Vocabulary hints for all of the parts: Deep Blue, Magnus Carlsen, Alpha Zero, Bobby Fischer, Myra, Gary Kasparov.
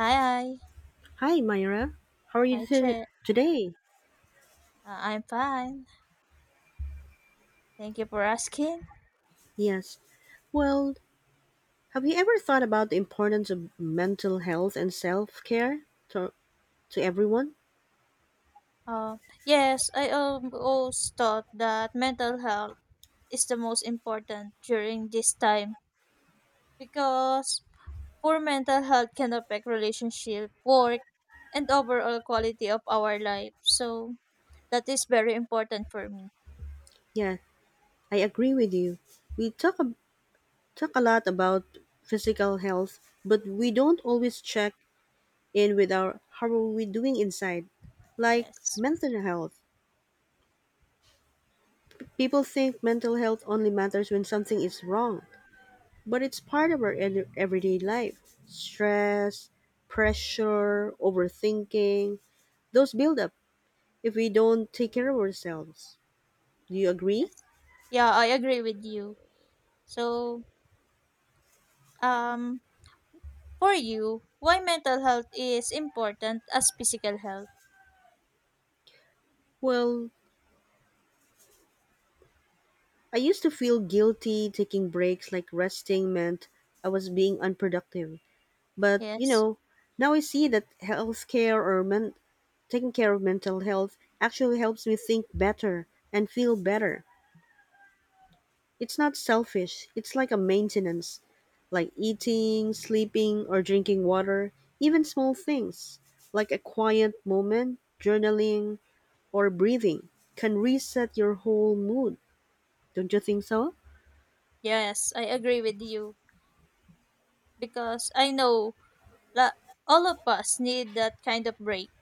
Hi, hi. Hi, Myra. How are Hi, Che. today? I'm fine. Thank you for asking. Yes. Well, have you ever thought about the importance of mental health and self care to, to everyone? Uh, yes, I always thought that mental health is the most important during this time because poor mental health can affect relationship, work, and overall quality of our life. So that is very important for me. Yeah, I agree with you. We talk a lot about physical health, but we don't always check in with our how are we doing inside, like Yes, mental health. People think mental health only matters when something is wrong, but it's part of our everyday life. Stress, pressure, overthinking, those build up if we don't take care of ourselves. Do you agree? yes. Yeah, I agree with you. So, um, for you, why mental health is important as physical health? Well, I used to feel guilty taking breaks like resting meant I was being unproductive. But, you Yes. know, now I see that taking care of mental health actually helps me think better and feel better. It's not selfish, it's like a maintenance, like eating, sleeping, or drinking water, even small things, like a quiet moment, journaling, or breathing, can reset your whole mood. Don't you think so? Yes, I agree with you because I know la- all of us need that kind of break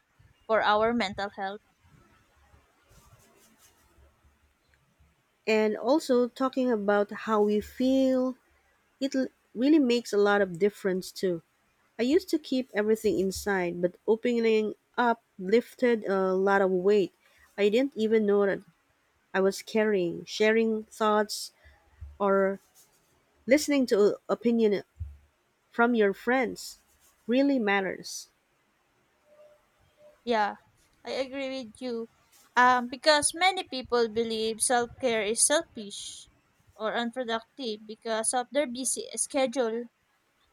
for our mental health. And also, talking about how we feel, it really makes a lot of difference too. I used to keep everything inside, but opening up lifted a lot of weight. I didn't even know that I was carrying, sharing thoughts or listening to opinion from your friends really matters. Yeah, I agree with you. Because many people believe self care is selfish or unproductive because of their busy schedule,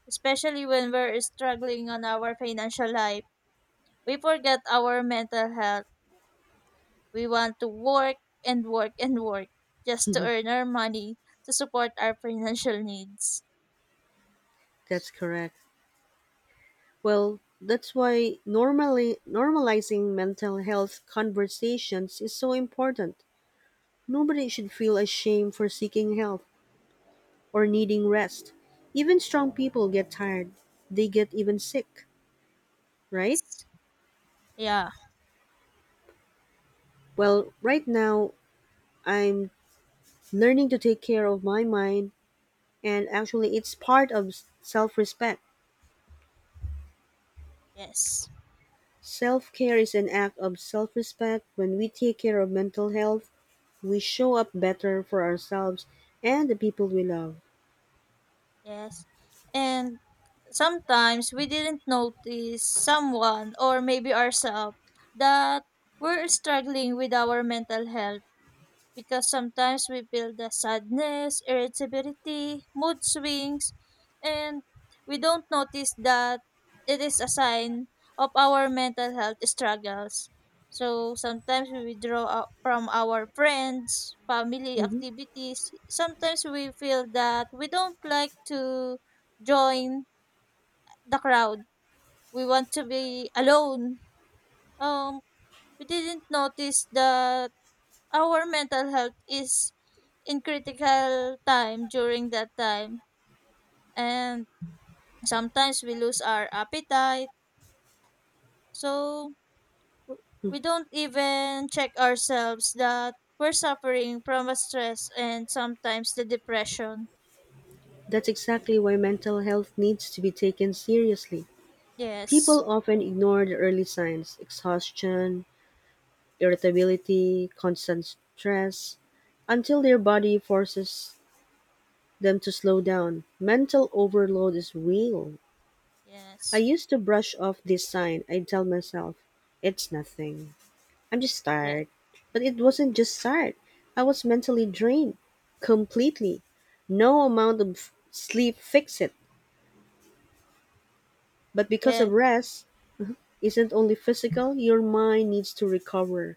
especially when we're struggling on our financial life. We forget our mental health. We want to work and work and work just to earn our money to support our financial needs. That's correct. Well, that's why normally normalizing mental health conversations is so important. Nobody should feel ashamed for seeking help or needing rest. Even strong people get tired. They get even sick, right? Yes. Yeah. Well, right now I'm learning to take care of my mind and actually it's part of self-respect. Yes. Self-care is an act of self-respect. When we take care of mental health, we show up better for ourselves and the people we love. Yes. And sometimes we didn't notice someone or maybe ourselves that we're struggling with our mental health because sometimes we feel the sadness, irritability, mood swings, and we don't notice that it is a sign of our mental health struggles. So sometimes we withdraw out from our friends, family Mhm. activities. Sometimes we feel that we don't like to join the crowd. We want to be alone. Um, we didn't notice the our mental health is in critical time during that time and sometimes we lose our appetite so we don't even check ourselves that we're suffering from a stress and sometimes the depression. That's exactly why mental health needs to be taken seriously. yes People often ignore the early signs exhaustion, irritability, constant stress until their body forces them to slow down. Mental overload is real. I yes used to brush off this sign. I tell myself, it's nothing. I'm just yes tired. But it wasn't just tired. I was mentally drained. Completely. No amount of sleep fixed it. But because of yes rest isn't only physical, your mind needs to recover.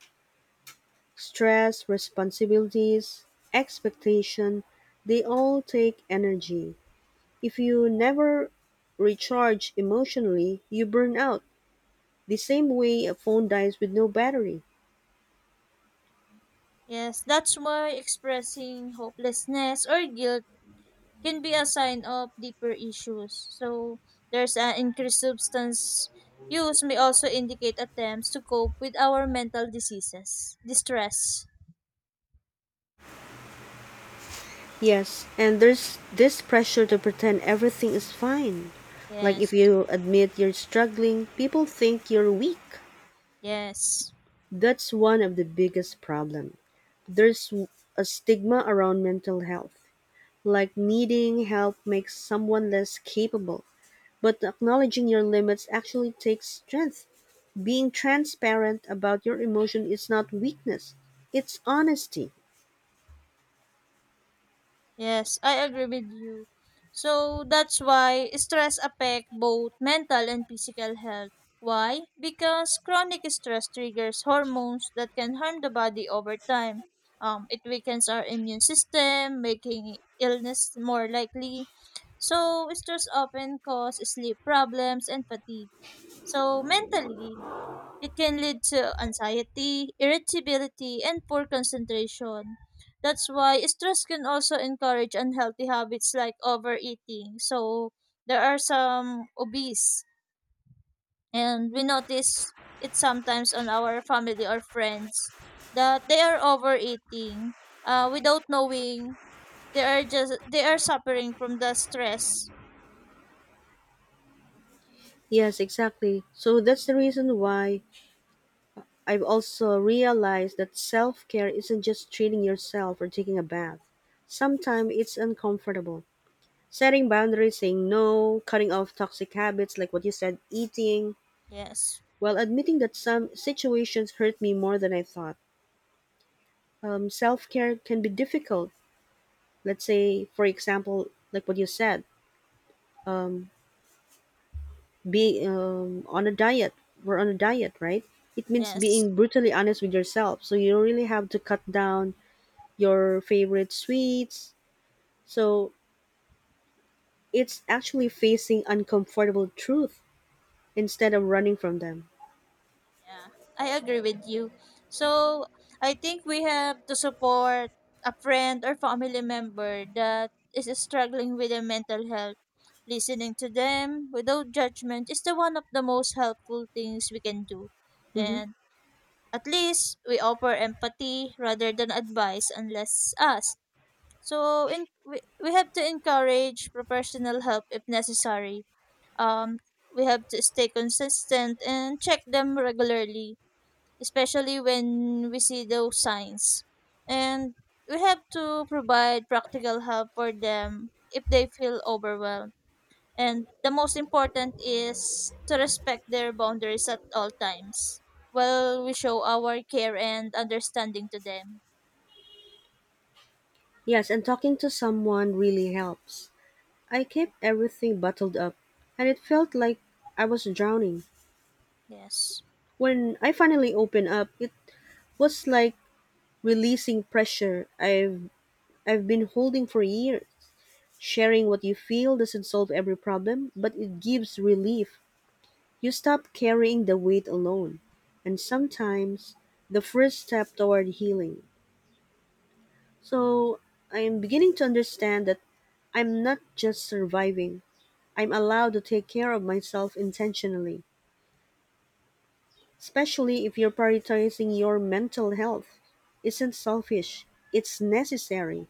Stress, responsibilities, expectation, they all take energy. If you never recharge emotionally, you burn out. The same way a phone dies with no battery. yes That's why expressing hopelessness or guilt can be a sign of deeper issues. So, there's an increased substance use may also indicate attempts to cope with our mental diseases. Distress. Yes, and there's this pressure to pretend everything is fine. Like if Yes. you admit you're struggling, people think you're weak. Yes. That's one of the biggest problem. There's a stigma around mental health, like needing help makes someone less capable. But acknowledging your limits actually takes strength. Being transparent about your emotion is not weakness, it's honesty. Yes, I agree with you. So that's why stress affect both mental and physical health. Why? Because chronic stress triggers hormones that can harm the body over time. It weakens our immune system, making illness more likely. So stress often cause sleep problems and fatigue. So mentally, it can lead to anxiety, irritability, and poor concentration. That's why stress can also encourage unhealthy habits like overeating. So there are some obese, and we notice it sometimes on our family or friends that they are overeating without knowing they are suffering from the stress. Yes, exactly. So that's the reason why I've also realized that self care isn't just treating yourself or taking a bath. Sometimes it's uncomfortable. Setting boundaries, saying no, cutting off toxic habits like what you said, eating, Yes, while admitting that some situations hurt me more than I thought. Self care can be difficult. Let's say, for example, like what you said, being on a diet. We're on a diet, right? It means yes. being brutally honest with yourself. So you really have to cut down your favorite sweets, so it's actually facing uncomfortable truth instead of running from them. Yeah, I agree with you. So I think we have to support a friend or family member that is struggling with their mental health. Listening to them without judgment is the one of the most helpful things we can do. Hmm. And at least we offer empathy rather than advice unless asked. So in, we have to encourage professional help if necessary. Um, we have to stay consistent and check them regularly especially when we see those signs. And we have to provide practical help for them if they feel overwhelmed. And the most important is to respect their boundaries at all times while we show our care and understanding to them. Yes, and talking to someone really helps. I kept everything bottled up, and it felt like I was drowning. Yes. When I finally opened up, it was like releasing pressure I've been holding for years. Sharing what you feel doesn't solve every problem, but it gives relief. You stop carrying the weight alone. And sometimes the first step toward healing. So I'm beginning to understand that I'm not just surviving. I'm allowed to take care of myself intentionally, especially if you're prioritizing your mental health. Isn't selfish, it's necessary.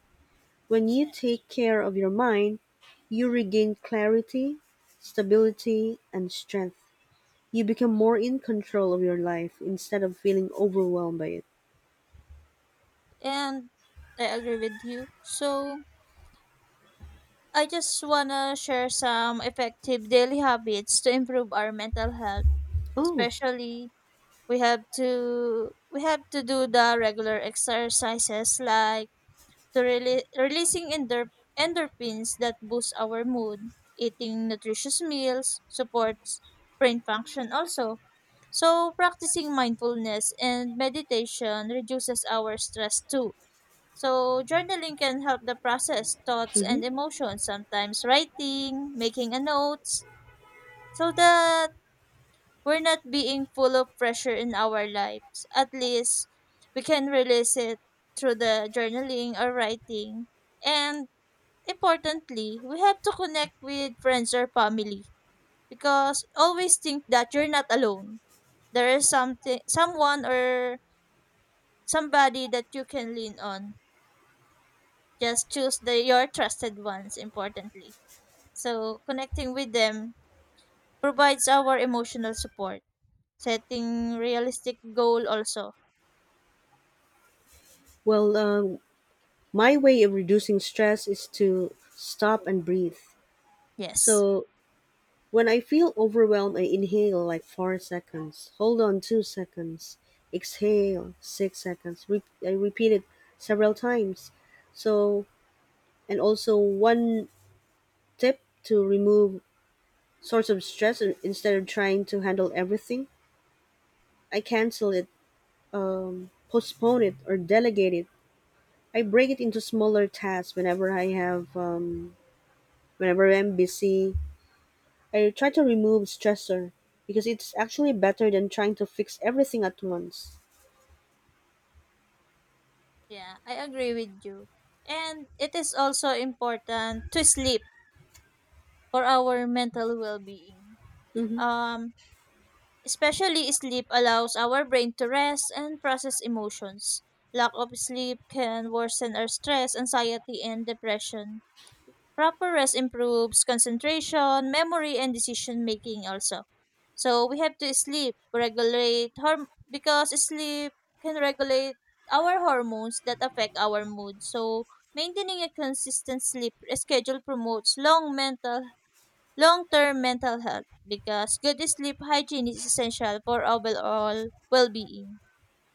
When you take care of your mind, you regain clarity, stability, and strength. You become more in control of your life instead of feeling overwhelmed by it. And I agree with you. So I just wanna share some effective daily habits to improve our mental health, Oh. especially we have to do the regular exercises like to releasing endorphins that boost our mood, eating nutritious meals supports brain function also, so practicing mindfulness and meditation reduces our stress too, so journaling can help the process thoughts Hmm. and emotions, sometimes writing, making a notes, so the we're not being full of pressure in our lives. At least we can release it through the journaling or writing. And importantly, we have to connect with friends or family because always think that you're not alone. There is something someone or somebody that you can lean on. Just choose the your trusted ones importantly. So connecting with them provides our emotional support. Setting realistic goal also. Well, my way of reducing stress is to stop and breathe. Yes. So when I feel overwhelmed, I inhale like 4 seconds, hold on 2 seconds, exhale 6 seconds. I repeat it several times. So, and also one tip to remove source of stress instead of trying to handle everything, I cancel it, postpone it, or delegate it. I break it into smaller tasks whenever I have, whenever I'm busy I try to remove stressor because it's actually better than trying to fix everything at once. Yeah, I agree with you. And it is also important to sleep for our mental well-being. Mm-hmm. Um, especially sleep allows our brain to rest and process emotions. Lack of sleep can worsen our stress, anxiety, and depression. Proper rest improves concentration, memory, and decision making also. So we have to sleep, regulate because sleep can regulate our hormones that affect our mood. So maintaining a consistent sleep schedule promotes long-term mental health because good sleep hygiene is essential for overall well-being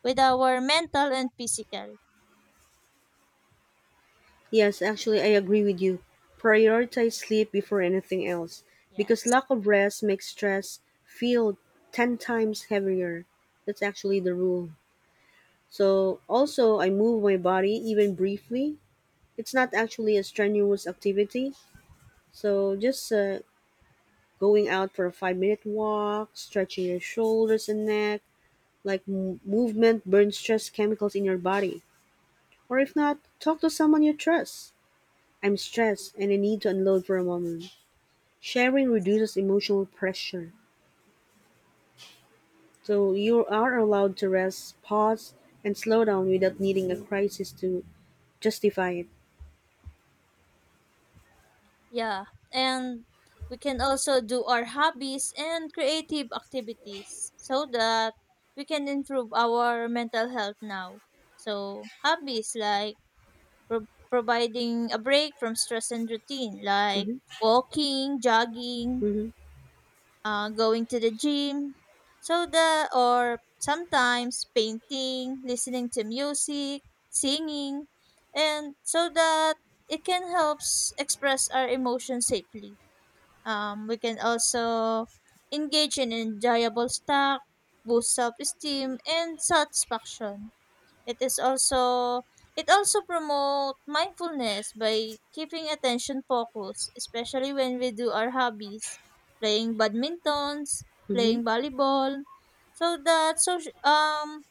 with our mental and physical. Yes, actually, I agree with you. Prioritize sleep before anything else because Yes. lack of rest makes stress feel 10 times heavier. That's actually the rule. So, also, I move my body even briefly. It's not actually a strenuous activity. So, just going out for a 5 minute walk, stretching your shoulders and neck, like movement burns stress chemicals in your body. Or if not, talk to someone you trust. I'm stressed and I need to unload for a moment. Sharing reduces emotional pressure. So you are allowed to rest, pause, and slow down without needing a crisis to justify it. Yeah, and we can also do our hobbies and creative activities so that we can improve our mental health now. So, hobbies like providing a break from stress and routine, like Hmm. walking, jogging, Hmm. Going to the gym, so that, or sometimes painting, listening to music, singing, and so that it can help express our emotions safely. We can also engage in enjoyable snack, boost self-esteem and satisfaction. It is also it also promote mindfulness by keeping attention focused, especially when we do our hobbies, playing badmintons, Hmm. playing volleyball. So that social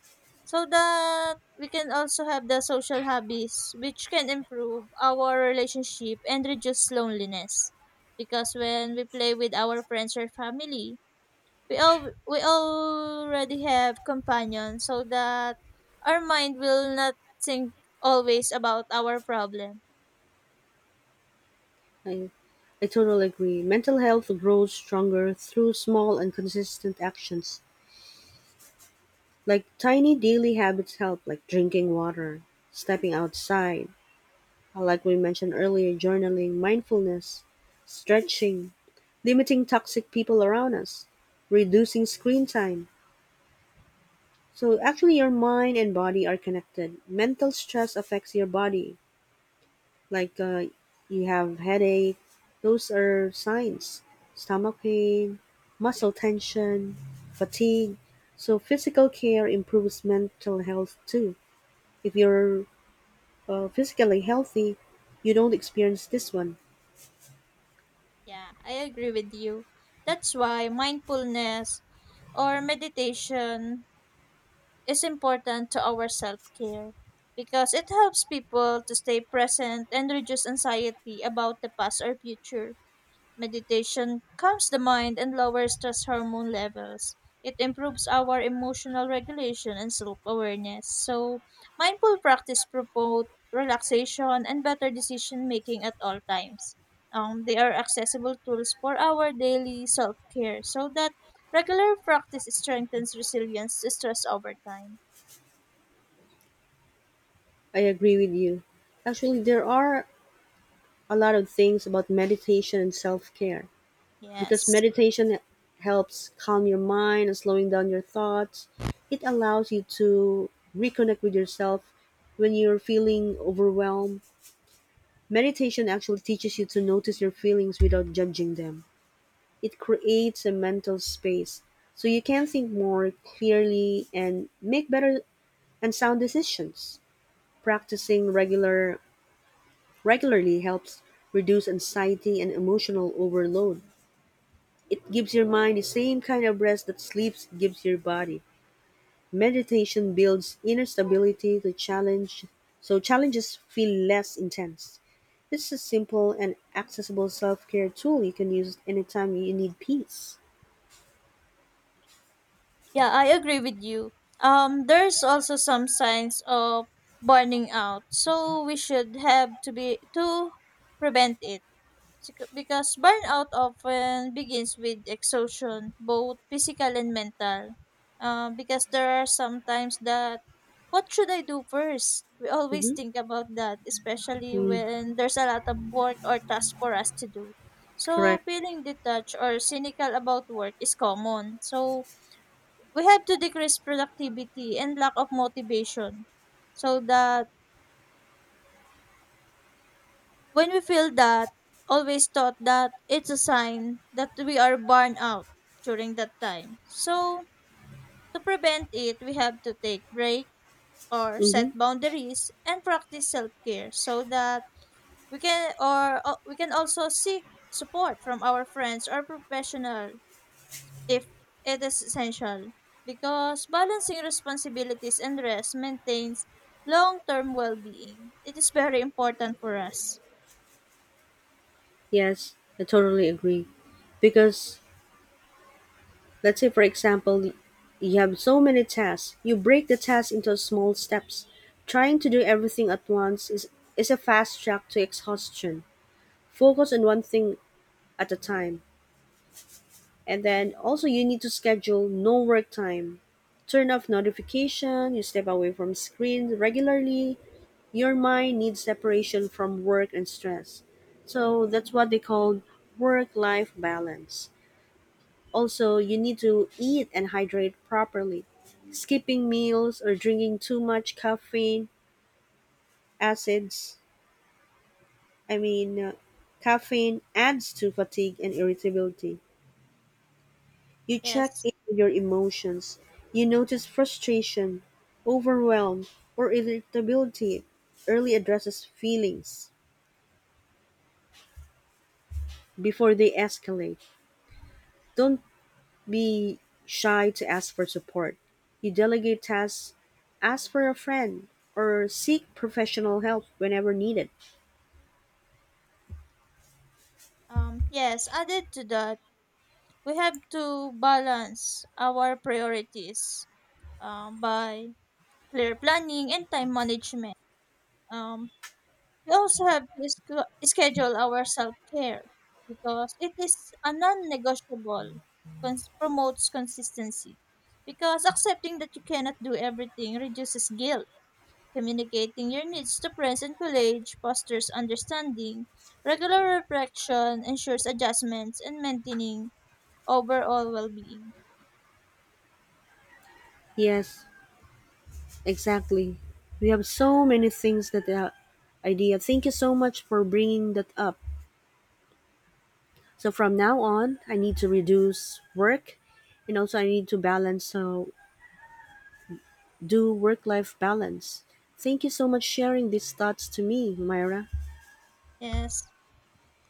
so that we can also have the social hobbies which can improve our relationship and reduce loneliness because when we play with our friends or family we already have companions so that our mind will not think always about our problem. I, I totally agree. Mental health grows stronger through small and consistent actions. Like tiny daily habits help, like drinking water, stepping outside, like we mentioned earlier, journaling, mindfulness, stretching, limiting toxic people around us, reducing screen time. So actually, your mind and body are connected. Mental stress affects your body, like you have headache. Those are signs. Stomach pain, muscle tension, fatigue. So physical care improves mental health too. If you're physically healthy, you don't experience this one. Yeah, I agree with you. That's why mindfulness or meditation is important to our self care because it helps people to stay present and reduce anxiety about the past or future. Meditation calms the mind and lowers stress hormone levels. It improves our emotional regulation and self awareness. So, mindful practice promote relaxation and better decision making at all times. They are accessible tools for our daily self care so that regular practice strengthens resilience to stress over time. I agree with you. Actually, there are a lot of things about meditation and self care because Yes. meditation helps calm your mind and slowing down your thoughts. It allows you to reconnect with yourself when you're feeling overwhelmed. Meditation actually teaches you to notice your feelings without judging them. It creates a mental space so you can think more clearly and make better and sound decisions. Practicing regular regularly helps reduce anxiety and emotional overload. It gives your mind the same kind of rest that sleep gives your body. Meditation builds inner stability to challenge so challenges feel less intense. This is a simple and accessible self-care tool you can use anytime you need peace. Yeah, I agree with you. There's also some signs of burning out, so we should have to be to prevent it. Because burnout often begins with exhaustion, both physical and mental. Because there are sometimes that what should I do first? We always Mm-hmm. think about that, especially Mm. when there's a lot of work or tasks for us to do. So, Correct. feeling detached or cynical about work is common. So, we have to decrease productivity and lack of motivation so that when we feel that always thought that it's a sign that we are burned out during that time, so to prevent it we have to take break or set Mm-hmm. boundaries and practice self-care so that we can or we can also seek support from our friends or professional if it is essential because balancing responsibilities and rest maintains long-term well-being. It is very important for us. Yes, I totally agree. Because let's say, for example, you have so many tasks. You break the task into small steps. Trying to do everything at once is a fast track to exhaustion. Focus on one thing at a time. And then also, you need to schedule no work time. Turn off notification, you step away from screens regularly. Your mind needs separation from work and stress. So that's what they call work life balance. Also, you need to eat and hydrate properly. Skipping meals or drinking too much caffeine acids, I mean, uh, caffeine adds to fatigue and irritability. You check Yes. in with your emotions. You notice frustration, overwhelm, or irritability. Early addresses feelings before they escalate. Don't be shy to ask for support. You delegate tasks, ask for a friend, or seek professional help whenever needed. Yes, added to that, we have to balance our priorities by clear planning and time management. Um, We also have to schedule our self care because it is a non negotiable, promotes consistency. Because accepting that you cannot do everything reduces guilt. Communicating your needs to friends and colleagues fosters understanding. Regular reflection ensures adjustments and maintaining overall well being. Yes, exactly. We have so many things that the idea. Thank you so much for bringing that up. So from now on, I need to reduce work and also I need to balance so do work life balance. Thank you so much sharing these thoughts to me, Myra. Yes,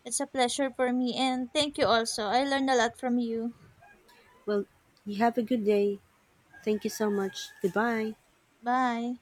it's a pleasure for me and thank you also. I learned a lot from you. Well, you have a good day. Thank you so much. Goodbye. Bye.